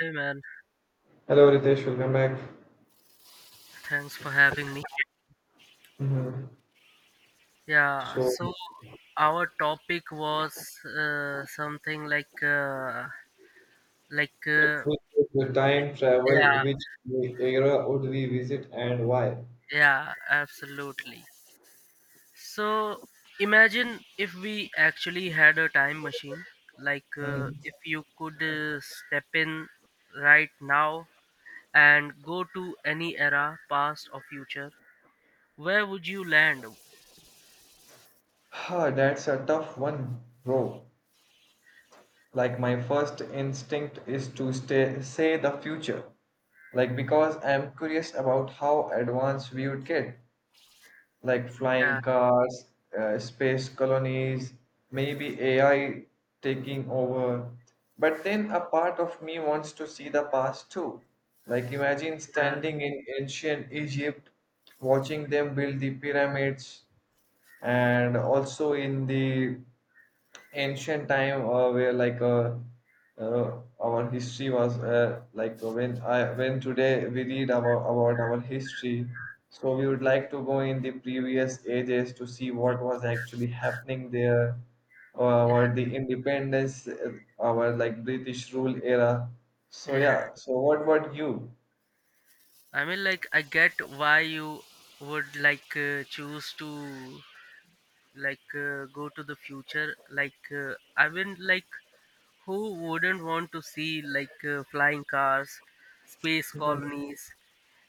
Hey man, Hello, Ritesh. Welcome back. thanks for having me. Mhm. Yeah, So, so our topic was something like if we could time yeah, travel, which era would we visit and why? yeah, absolutely. So imagine if we actually had a time machine, Mhm. if you could step in right now and go to any era, past or future, where would you land? That's a tough one, bro. My first instinct is to say the future. Like, because I'm curious about how advanced we would get. Like flying Yeah, cars, space colonies, maybe AI taking over. But then a part of me wants to see the past too. Like imagine yeah, standing in ancient Egypt, watching them build the pyramids, and also in the ancient time where like our history was, when today we read about our history, so we would like to go in the previous ages to see what was actually happening there, yeah, or the independence, our like British rule era. So yeah. yeah, so what about you? I mean, like, I get why you would choose to go to the future. Like, I mean, like, who wouldn't want to see flying cars, space Hmm. colonies,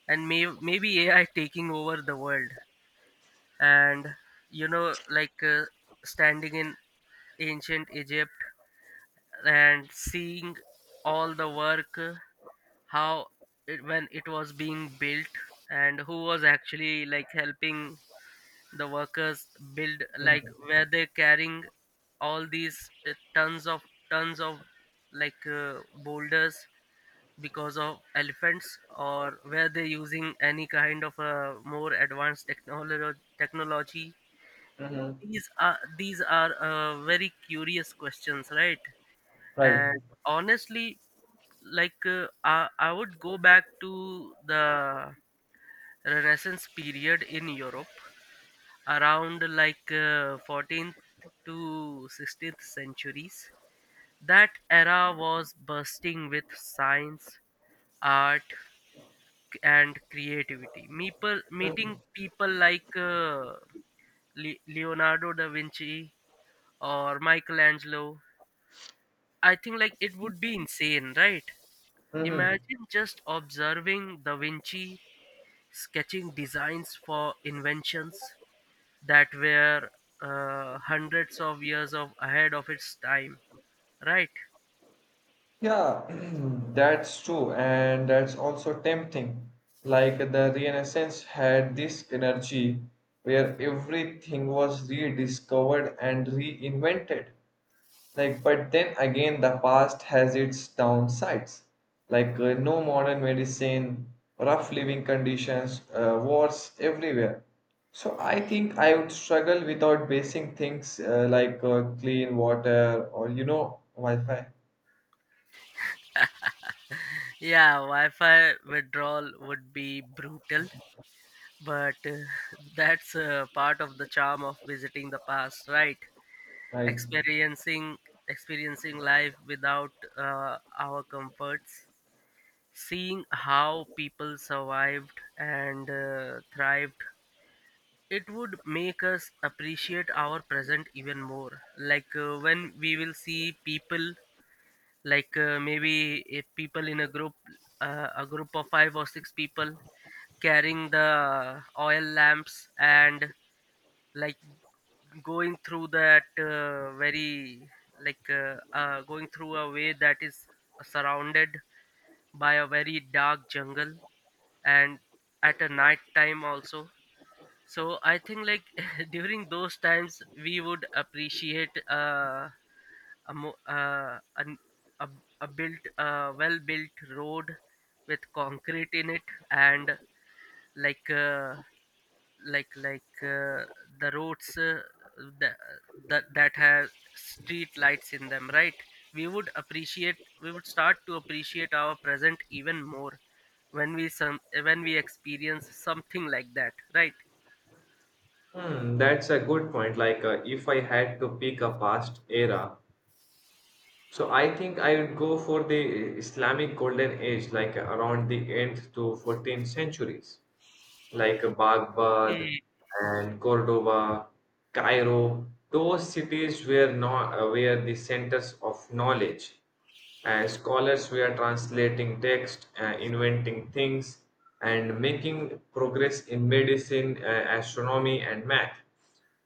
and maybe AI taking over the world? And you know, standing in ancient Egypt and seeing all the work how when it was being built and who was actually like helping the workers build, like, were they carrying all these tons of boulders because of elephants, or were they using any kind of a more advanced technology? Hmm. These are very curious questions, right? Right. And honestly, I would go back to the renaissance period in Europe, around 14th to 16th centuries. That era was bursting with science, art, and creativity. Hmm. Meeting people Leonardo da Vinci or Michelangelo, I think like it would be insane, right? Hmm. Imagine just observing da Vinci sketching designs for inventions that were hundreds of years of ahead of its time, right? Yeah, that's true, and that's also tempting. Like the Renaissance had this energy where everything was rediscovered and reinvented. Like, but then again, the past has its downsides. No modern medicine, rough living conditions, wars everywhere. So I think I would struggle without basic things like clean water or Wi-Fi, Yeah, Wi-Fi withdrawal would be brutal, but that's part of the charm of visiting the past, right? right? Experiencing experiencing life without our comforts, seeing how people survived and thrived. It would make us appreciate our present even more. When we will see people, maybe if people in a group, a group of 5 or 6 people carrying the oil lamps, and like going through that very like going through a way that is surrounded by a very dark jungle, and at a night time also. So I think like, during those times we would appreciate a mo- an, a a built, well built road with concrete in it, and like uh, like like uh, the roads the, that have street lights in them, right? we would appreciate we would start to appreciate our present even more when we some when we experience something like that, right? That's a good point. If I had to pick a past era, so I think I would go for the Islamic Golden Age, around the 8th to 14th centuries, like Baghdad and Cordoba, Cairo, those cities were not, were the centers of knowledge. Scholars were translating text, inventing things, and making progress in medicine, astronomy, and math.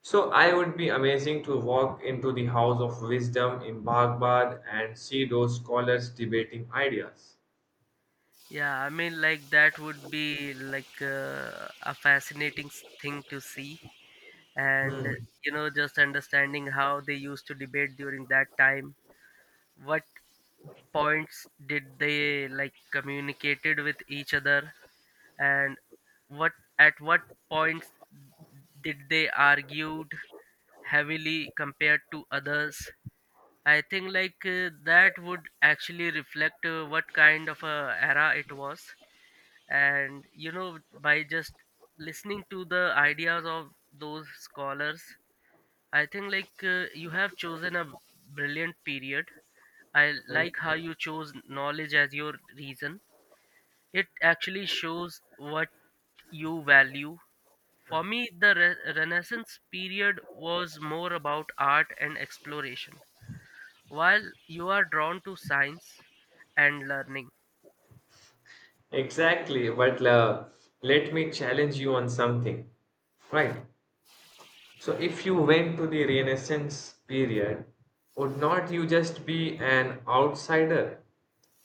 So I would be amazing to walk into the house of wisdom in Baghdad and see those scholars debating ideas. Yeah, I mean, like that would be like a fascinating thing to see, and Hmm. you know, just understanding how they used to debate during that time. What points did they like communicated with each other, and what what points did they argued heavily compared to others? I think like that would actually reflect what kind of a era it was, and you know, by just listening to the ideas of those scholars, I think like you have chosen a brilliant period. I like how you chose knowledge as your reason. It actually shows what you value. For me, the renaissance period was more about art and exploration, while you are drawn to science and learning. Exactly, but let me challenge you on something, right? So, if you went to the Renaissance period, would not you just be an outsider?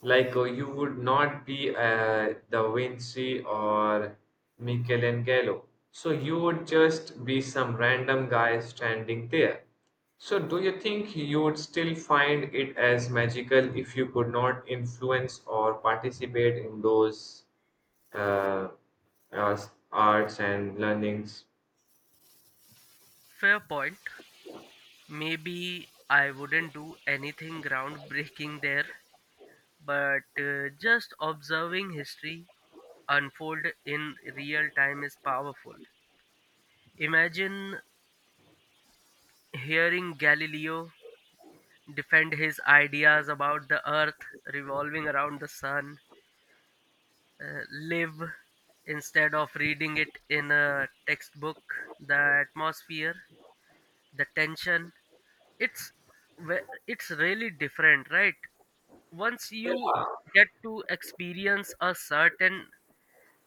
You would not be Da Vinci or Michelangelo. So, you would just be some random guy standing there. So, do you think you would still find it as magical if you could not influence or participate in those? uh, uh, arts and learnings. Fair point. Maybe I wouldn't do anything groundbreaking there, but just observing history unfold in real time is powerful. Imagine hearing Galileo defend his ideas about the earth revolving around the sun, live, instead of reading it in a textbook. The atmosphere, the tension. It's it's really different, right? Once you get to experience a certain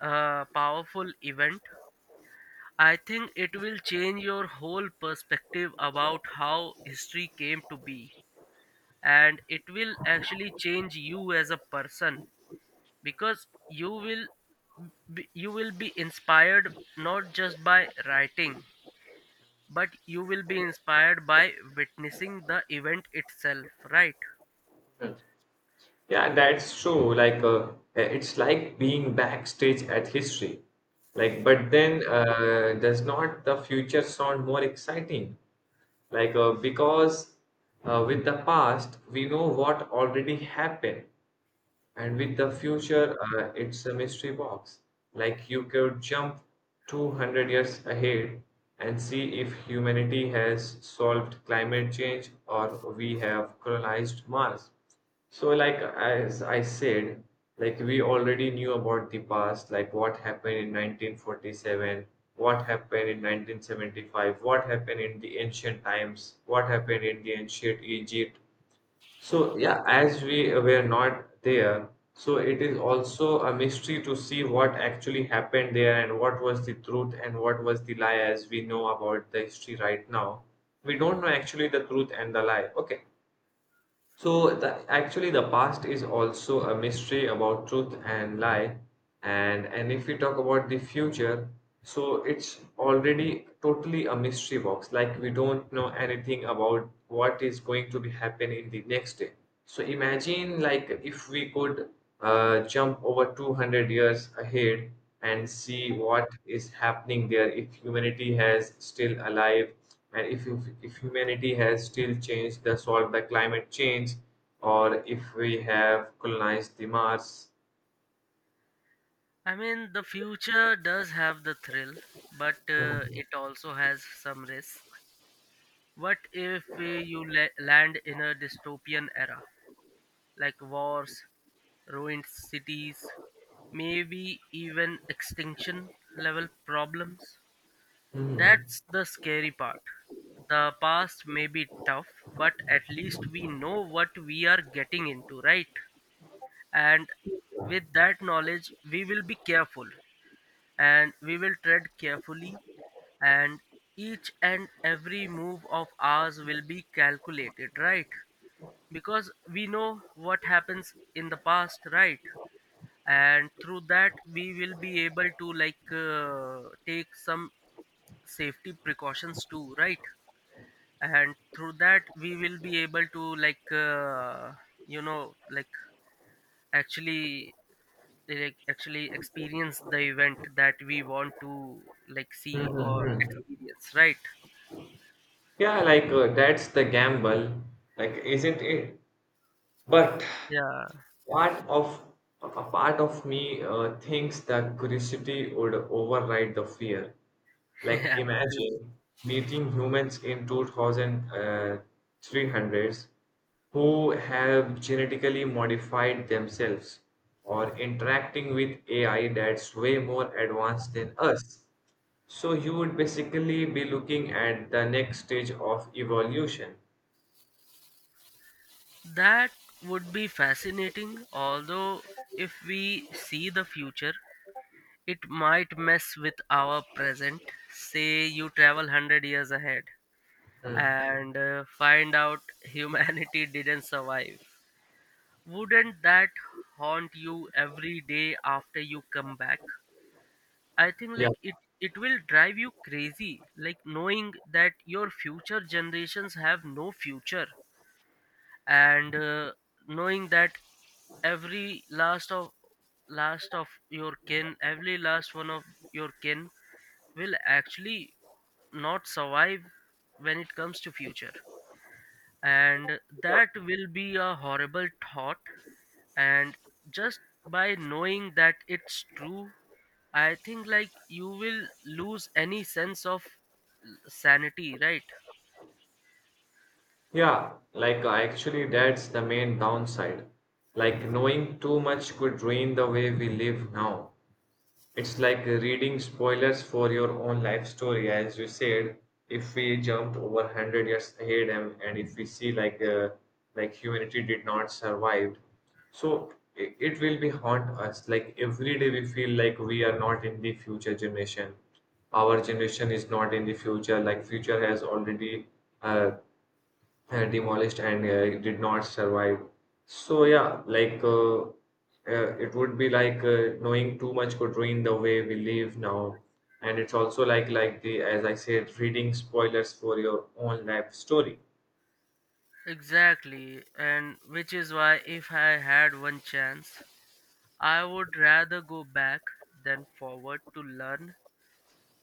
powerful event, I think it will change your whole perspective about how history came to be, and it will actually change you as a person, because you will you will be inspired not just by writing, but you will be inspired by witnessing the event itself, right? Yeah, that's true. It's like being backstage at history. Like, but then does not the future sound more exciting? Like, because with the past, we know what already happened. And with the future, it's a mystery box. Like you could jump 200 years ahead and see if humanity has solved climate change or we have colonized Mars. So, like as I said, like we already knew about the past, like what happened in 1947, what happened in 1975, what happened in the ancient times, what happened in the ancient Egypt, so yeah, as we were not there, so it is also a mystery to see what actually happened there and what was the truth and what was the lie as we know about the history right now. We don't know actually the truth and the lie. Okay. So actually, the past is also a mystery about truth and lie, and if we talk about the future, so it's already totally a mystery box. Like we don't know anything about what is going to be happen in the next day. So imagine like if we could jump over 200 years ahead and see what is happening there if humanity has still alive, and if humanity has still changed the solve the climate change, or if we have colonized the Mars. I mean, the future does have the thrill, but Mhm. it also has some risks. What if you land in a dystopian era, like wars, ruined cities, maybe even extinction level problems? Mhm. That's the scary part. The past may be tough, but at least we know what we are getting into, right? And with that knowledge, we will be careful, and we will tread carefully, and each and every move of ours will be calculated, right? Because we know what happens in the past, right? And through that we will be able to take some safety precautions too, right? And through that we will be able to, you know, like actually, they like actually experience the event that we want to like see or Mhm. experience, right? Yeah, that's the gamble, like isn't it? But Yeah. part of me thinks that curiosity would override the fear. Like Yeah, true. imagine meeting humans in 2300s who have genetically modified themselves or interacting with AI that's way more advanced than us. So you would basically be looking at the next stage of evolution. That would be fascinating, although if we see the future, it might mess with our present. Say you travel 100 years ahead Mm. and find out humanity didn't survive. Wouldn't that haunt you every day after you come back? I think Yeah. like it will drive you crazy, like knowing that your future generations have no future, and knowing that every last of your kin, every last one of your kin, will actually not survive when it comes to future, and that will be a horrible thought, and just by knowing that it's true, I think like you will lose any sense of sanity, right? Yeah, actually, that's the main downside. Like, knowing too much could ruin the way we live now. It's like reading spoilers for your own life story, as you said. If we jumped over 100 years ahead and if we see like like humanity did not survive, so it will be haunt us. Like every day we feel like we are not in the future generation. Our generation is not in the future. Like future has already uh, demolished and it did not survive. So yeah, it would be like knowing too much could ruin the way we live now. And it's also like the as I said, reading spoilers for your own life story. Exactly, and which is why, if I had one chance, I would rather go back than forward, to learn,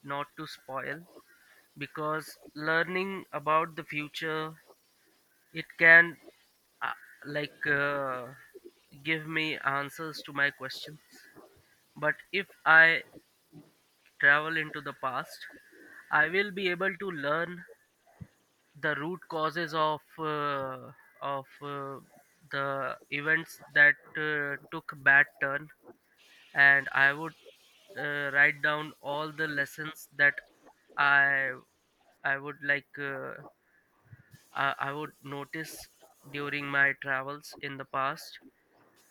not to spoil, because learning about the future, it can, uh, like uh, give me answers to my questions. But if I travel into the past, I will be able to learn the root causes of of uh, the events that took bad turn, and I would write down all the lessons that I I would I would notice during my travels in the past,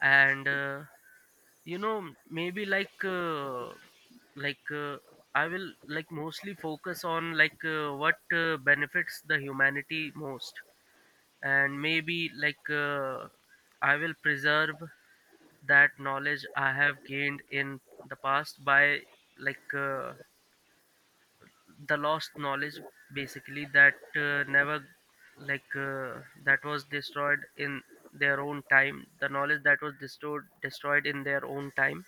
and you know, maybe like uh, I will like mostly focus on what benefits the humanity most, and maybe I will preserve that knowledge I have gained in the past by, like uh, the lost knowledge, basically, that never like that was destroyed in their own time, the knowledge that was destroyed in their own time.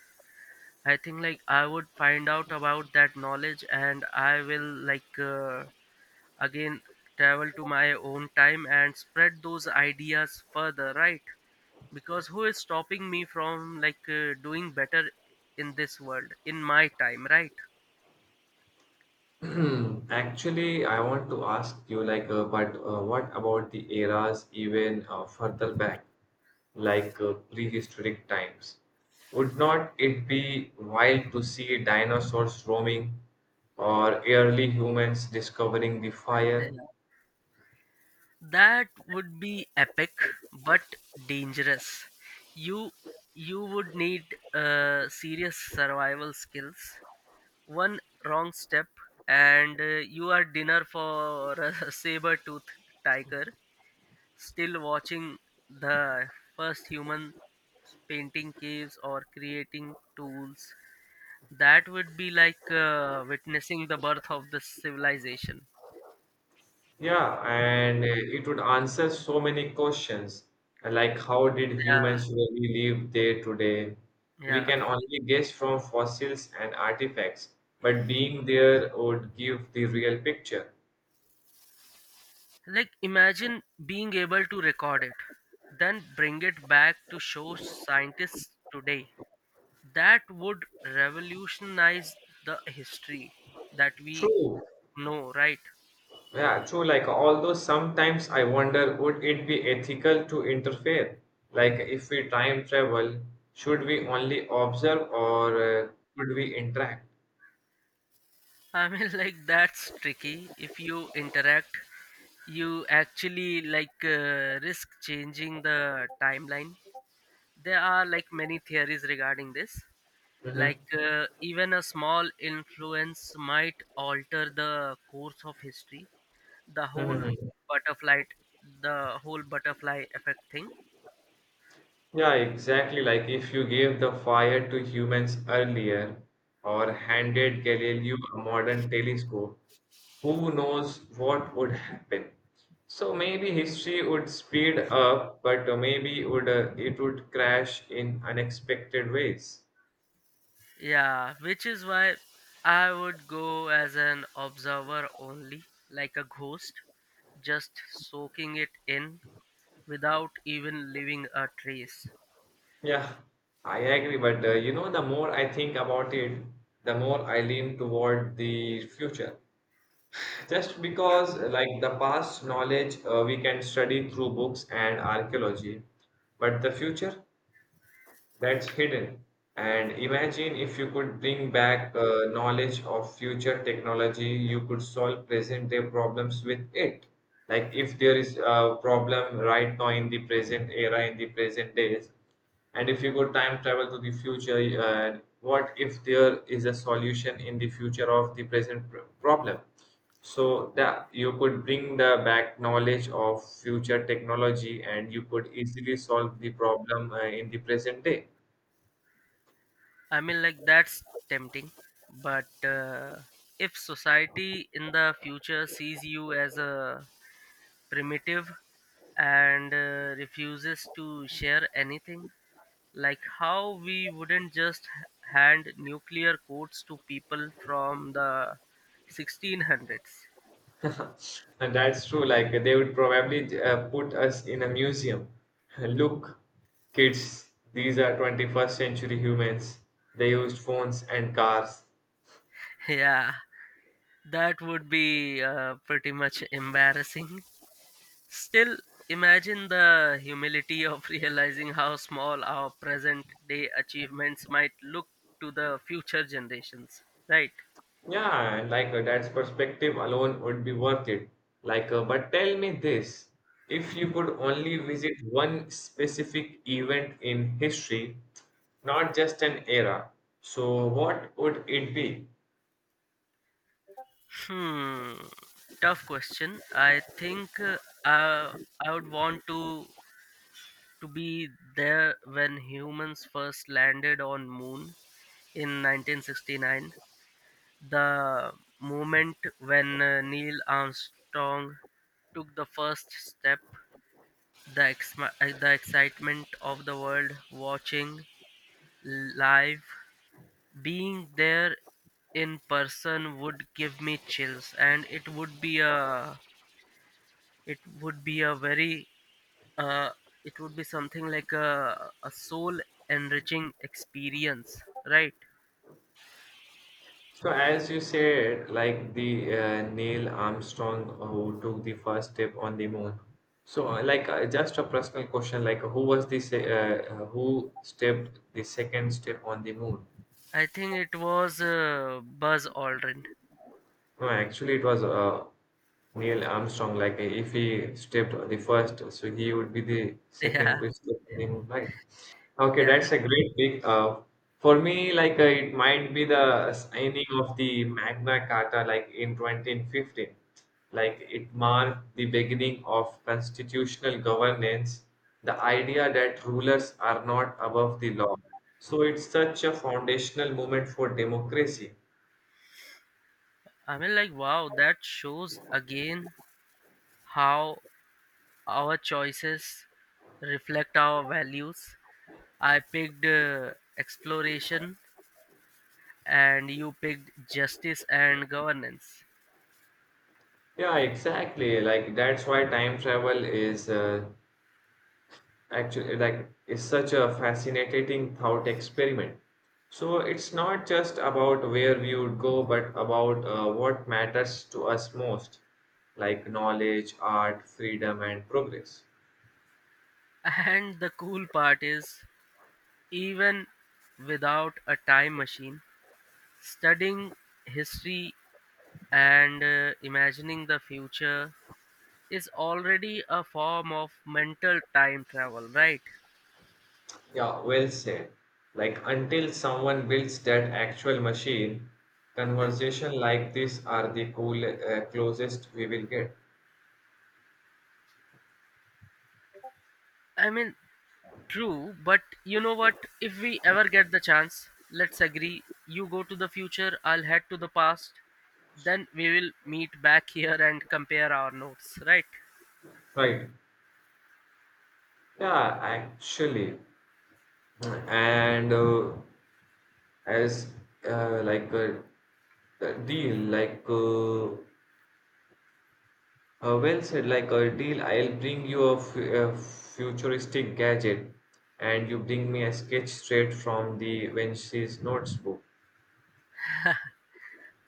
I think like I would find out about that knowledge, and I will, like uh, again travel to my own time and spread those ideas further, right? Because who is stopping me from doing better in this world in my time, right? Actually, I want to ask you like, but what about the eras even further back, like prehistoric times? Would not it be wild to see dinosaurs roaming or early humans discovering the Yeah. fire? That would be epic, but dangerous. You you would need serious survival skills. One wrong step and you are dinner for a saber tooth tiger. Still, watching the first human painting caves or creating tools, that would be like witnessing the birth of the civilization. Yeah, and it would answer so many questions, like how did Yeah, humans really live day to day? We yeah, can only guess from fossils and artifacts, but being there would give the real picture. like imagine being able to record it, then bring it back to show scientists today. That would revolutionize the history that we True. know, right? Yeah, true. Like, although sometimes I wonder, would it be ethical to interfere? Like, if we time travel, should we only observe, or should we interact? I mean, like that's tricky. If you interact, you actually like risk changing the timeline. There are like many theories regarding this. Mm-hmm. Like even a small influence might alter the course of history. The whole Mm-hmm. butterfly, the whole butterfly effect thing. Yeah, exactly. Like if you gave the fire to humans earlier or handed Galileo a modern telescope, who knows what would happen? So maybe history would speed up, but maybe would it would crash in unexpected ways. Yeah, which is why I would go as an observer only, like a ghost, just soaking it in without even leaving a trace. Yeah, I agree. But you know, the more I think about it, the more I lean toward the future. Just because the past knowledge, we can study through books and archaeology, but the future, that's hidden. And imagine if you could bring back knowledge of future technology, you could solve present day problems with it. Like if there is a problem right now in the present era, in the present days, and if you could time travel to the future, what if there is a solution in the future of the present problem? So that you could bring the back knowledge of future technology and you could easily solve the problem in the present day. I mean, like, that's tempting, but if society in the future sees you as a primitive and refuses to share anything, like how we wouldn't just hand nuclear codes to people from the 1600s. And that's true. Like they would probably put us in a museum. Look, kids, these are 21st century humans. They used phones and cars. Yeah, that would be pretty much embarrassing. Still, imagine the humility of realizing how small our present day achievements might look to the future generations, right? Yeah, and that's perspective alone would be worth it. But tell me this, if you could only visit one specific event in history, not just an era, so what would it be? Hmm, tough question. I think uh, I would want to be there when humans first landed on moon in 1969, the moment when Neil Armstrong took the first step, the excitement of the world watching live, being there in person would give me chills, and it would be a, it would be a very, uh, it would be something like a soul enriching experience, right? So, as you said, like the Neil Armstrong who took the first step on the moon. So, just a personal question, like, who was this? Who stepped the second step on the moon? I think it was Buzz Aldrin. No, actually, it was Neil Armstrong. Like, if he stepped the first, so he would be the second Yeah, to step on the moon, right? Okay, yeah, that's a great pick. For me, it might be the signing of the Magna Carta, like in 2015. Like, it marked the beginning of constitutional governance, the idea that rulers are not above the law. So, it's such a foundational moment for democracy. I mean, like, wow, that shows again how our choices reflect our values. I picked exploration and you picked justice and governance. Yeah, exactly. That's why time travel is actually is such a fascinating thought experiment. So it's not just about where we would go, but about what matters to us most, like knowledge, art, freedom, and progress. And the cool part is, even without a time machine, studying history and imagining the future is already a form of mental time travel, right? Yeah, well said. Like until someone builds that actual machine, conversation like this are the closest we will get. I mean, true, but you know what? If we ever get the chance, let's agree you go to the future, I'll head to the past, then we will meet back here and compare our notes, right? Right. Yeah, actually. And as like a deal like well said like a deal, I'll bring you a futuristic gadget and you bring me a sketch straight from the wench's notebook.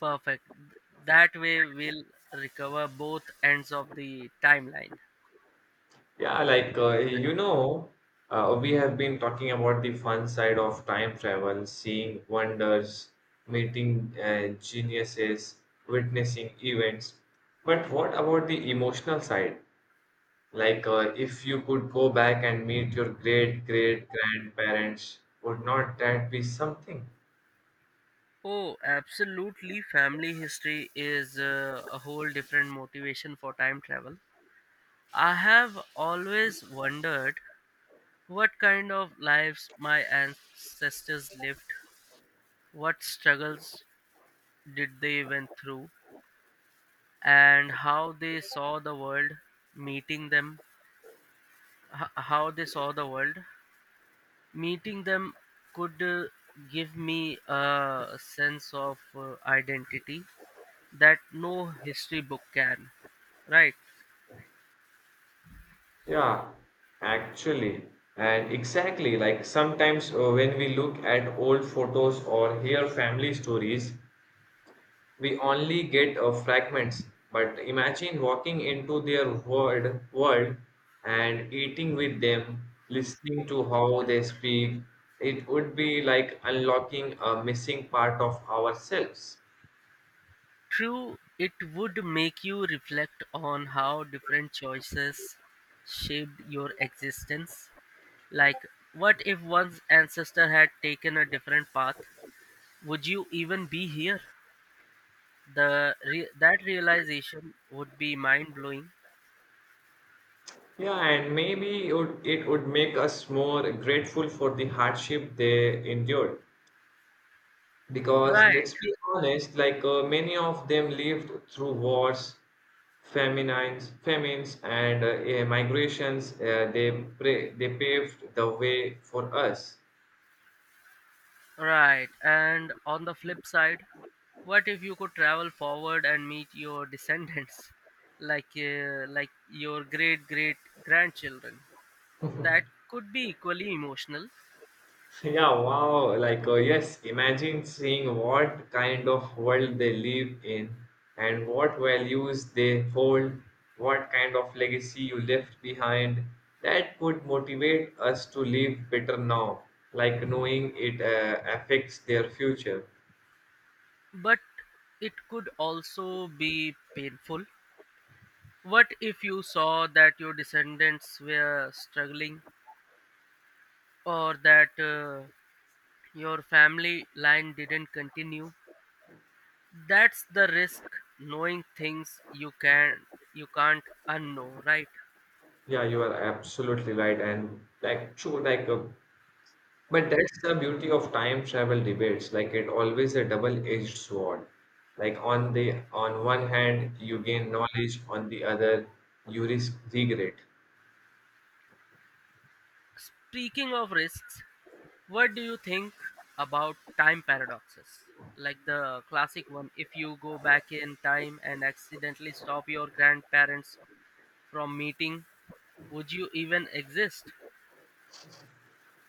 Perfect. That way we'll recover both ends of the timeline. Yeah, you know, we have been talking about the fun side of time travel, seeing wonders, meeting geniuses, witnessing events. But what about the emotional side? If you could go back and meet your great great grandparents, would not that be something? Oh, absolutely. Family history is a whole different motivation for time travel. I have always wondered what kind of lives my ancestors lived, what struggles did they went through, and how they saw the world, meeting them, how they saw the world. Meeting them could give me a sense of identity that no history book can, right? Yeah, actually, and exactly like sometimes when we look at old photos or hear family stories, we only get fragments, but imagine walking into their world and eating with them, listening to how they speak. It would be like unlocking a missing part of ourselves. True, it would make you reflect on how different choices shaped your existence. Like, what if one's ancestor had taken a different path? Would you even be here? The that realization would be mind blowing. Yeah, and maybe it would make us more grateful for the hardship they endured, because Right, let's be honest, many of them lived through wars, famines, and migrations. They paved the way for us. right. And on the flip side, what if you could travel forward and meet your descendants, like your great great grandchildren? That could be equally emotional, Yeah, wow. Yes, imagine seeing what kind of world they live in and what values they hold, what kind of legacy you left behind. That could motivate us to live better now, like knowing it affects their future. but it could also be painful. What if you saw that your descendants were struggling, or that your family line didn't continue? That's the risk, knowing things you can, you can't unknow, right? Yeah, you are absolutely right. And like, true. But that's the beauty of time travel debates. Like it always a double-edged sword. Like on the on one hand you gain knowledge, on the other you risk regret. Speaking of risks, what do you think about time paradoxes? Like the classic one, if you go back in time and accidentally stop your grandparents from meeting, would you even exist?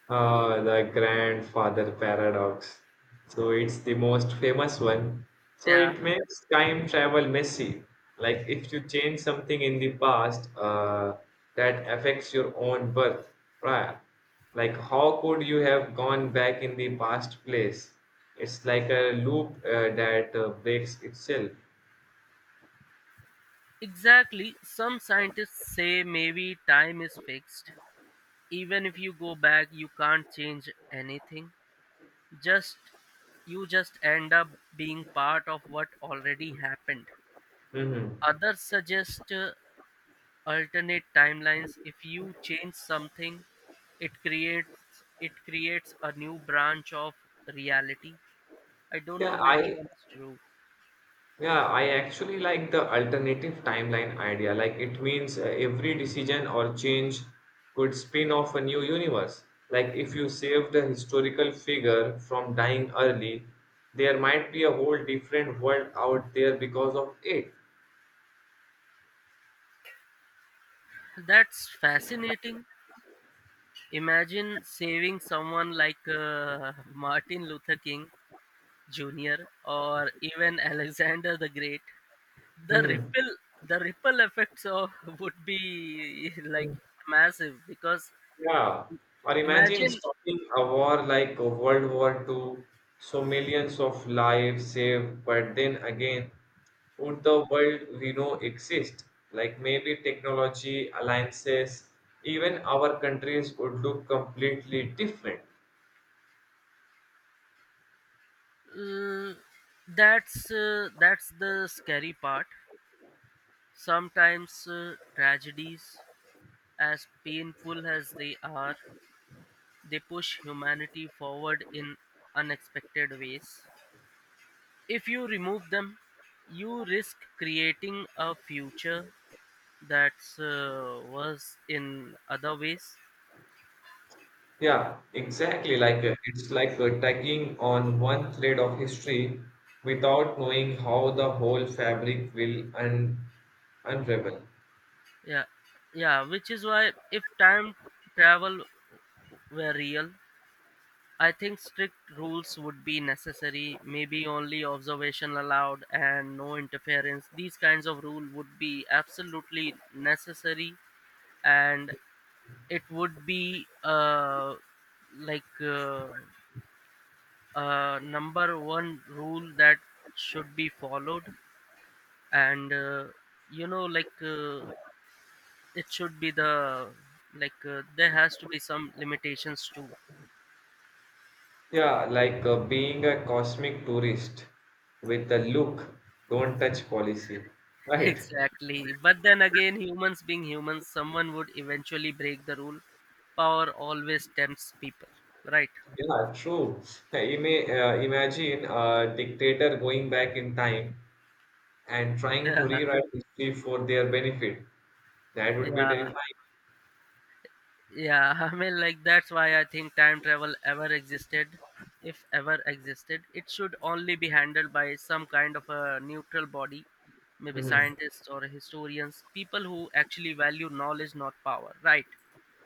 The grandfather paradox. So it's the most famous one. So Yeah, it makes time travel messy. Like if you change something in the past, that affects your own birth prior. Like how could you have gone back in the past place? It's like a loop that breaks itself. exactly. Some scientists say maybe time is fixed. Even if you go back, you can't change anything. Just You just end up being part of what already happened. Mm-hmm. Others suggest alternate timelines. If you change something, it creates a new branch of reality. I don't know Yeah, which I one's true. Yeah, I actually like the alternative timeline idea. Like, it means every decision or change could spin off a new universe. Like, if you save the historical figure from dying early, there might be a whole different world out there because of it. That's fascinating. Imagine saving someone like Martin Luther King Jr. or even Alexander the Great. the Mhm. ripple the ripple effects of, would be like massive, because Yeah, or imagine. imagine stopping a war like a World War Two, so millions of lives saved, but then again, would the world we know exist? Like maybe technology, alliances, even our countries would look completely different. Uh, that's that's the scary part. Sometimes tragedies, as painful as they are, they push humanity forward in unexpected ways. If you remove them, you risk creating a future that's worse in other ways. Yeah, exactly. It's like tugging on one thread of history without knowing how the whole fabric will un unravel. Yeah, yeah. Which is why if time travel were real, I think strict rules would be necessary, maybe only observation allowed and no interference. These kinds of rule would be absolutely necessary, and it would be, like uh, number one rule that should be followed, and you know, it should be the, there has to be some limitations too. Yeah, being a cosmic tourist with a look, don't touch policy, right? Exactly. But then again, humans being humans, someone would eventually break the rule. Power always tempts people, right? Yeah, true. Ima Imagine a dictator going back in time and trying to Yeah, rewrite history for their benefit. That would be yeah, terrifying. yeah. I mean, like, that's why I think time travel ever existed. If ever existed, it should only be handled by some kind of a neutral body, maybe Hmm. scientists or historians, people who actually value knowledge, not power, right?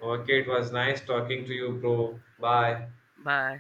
Okay, it was nice talking to you, bro. Bye. Bye.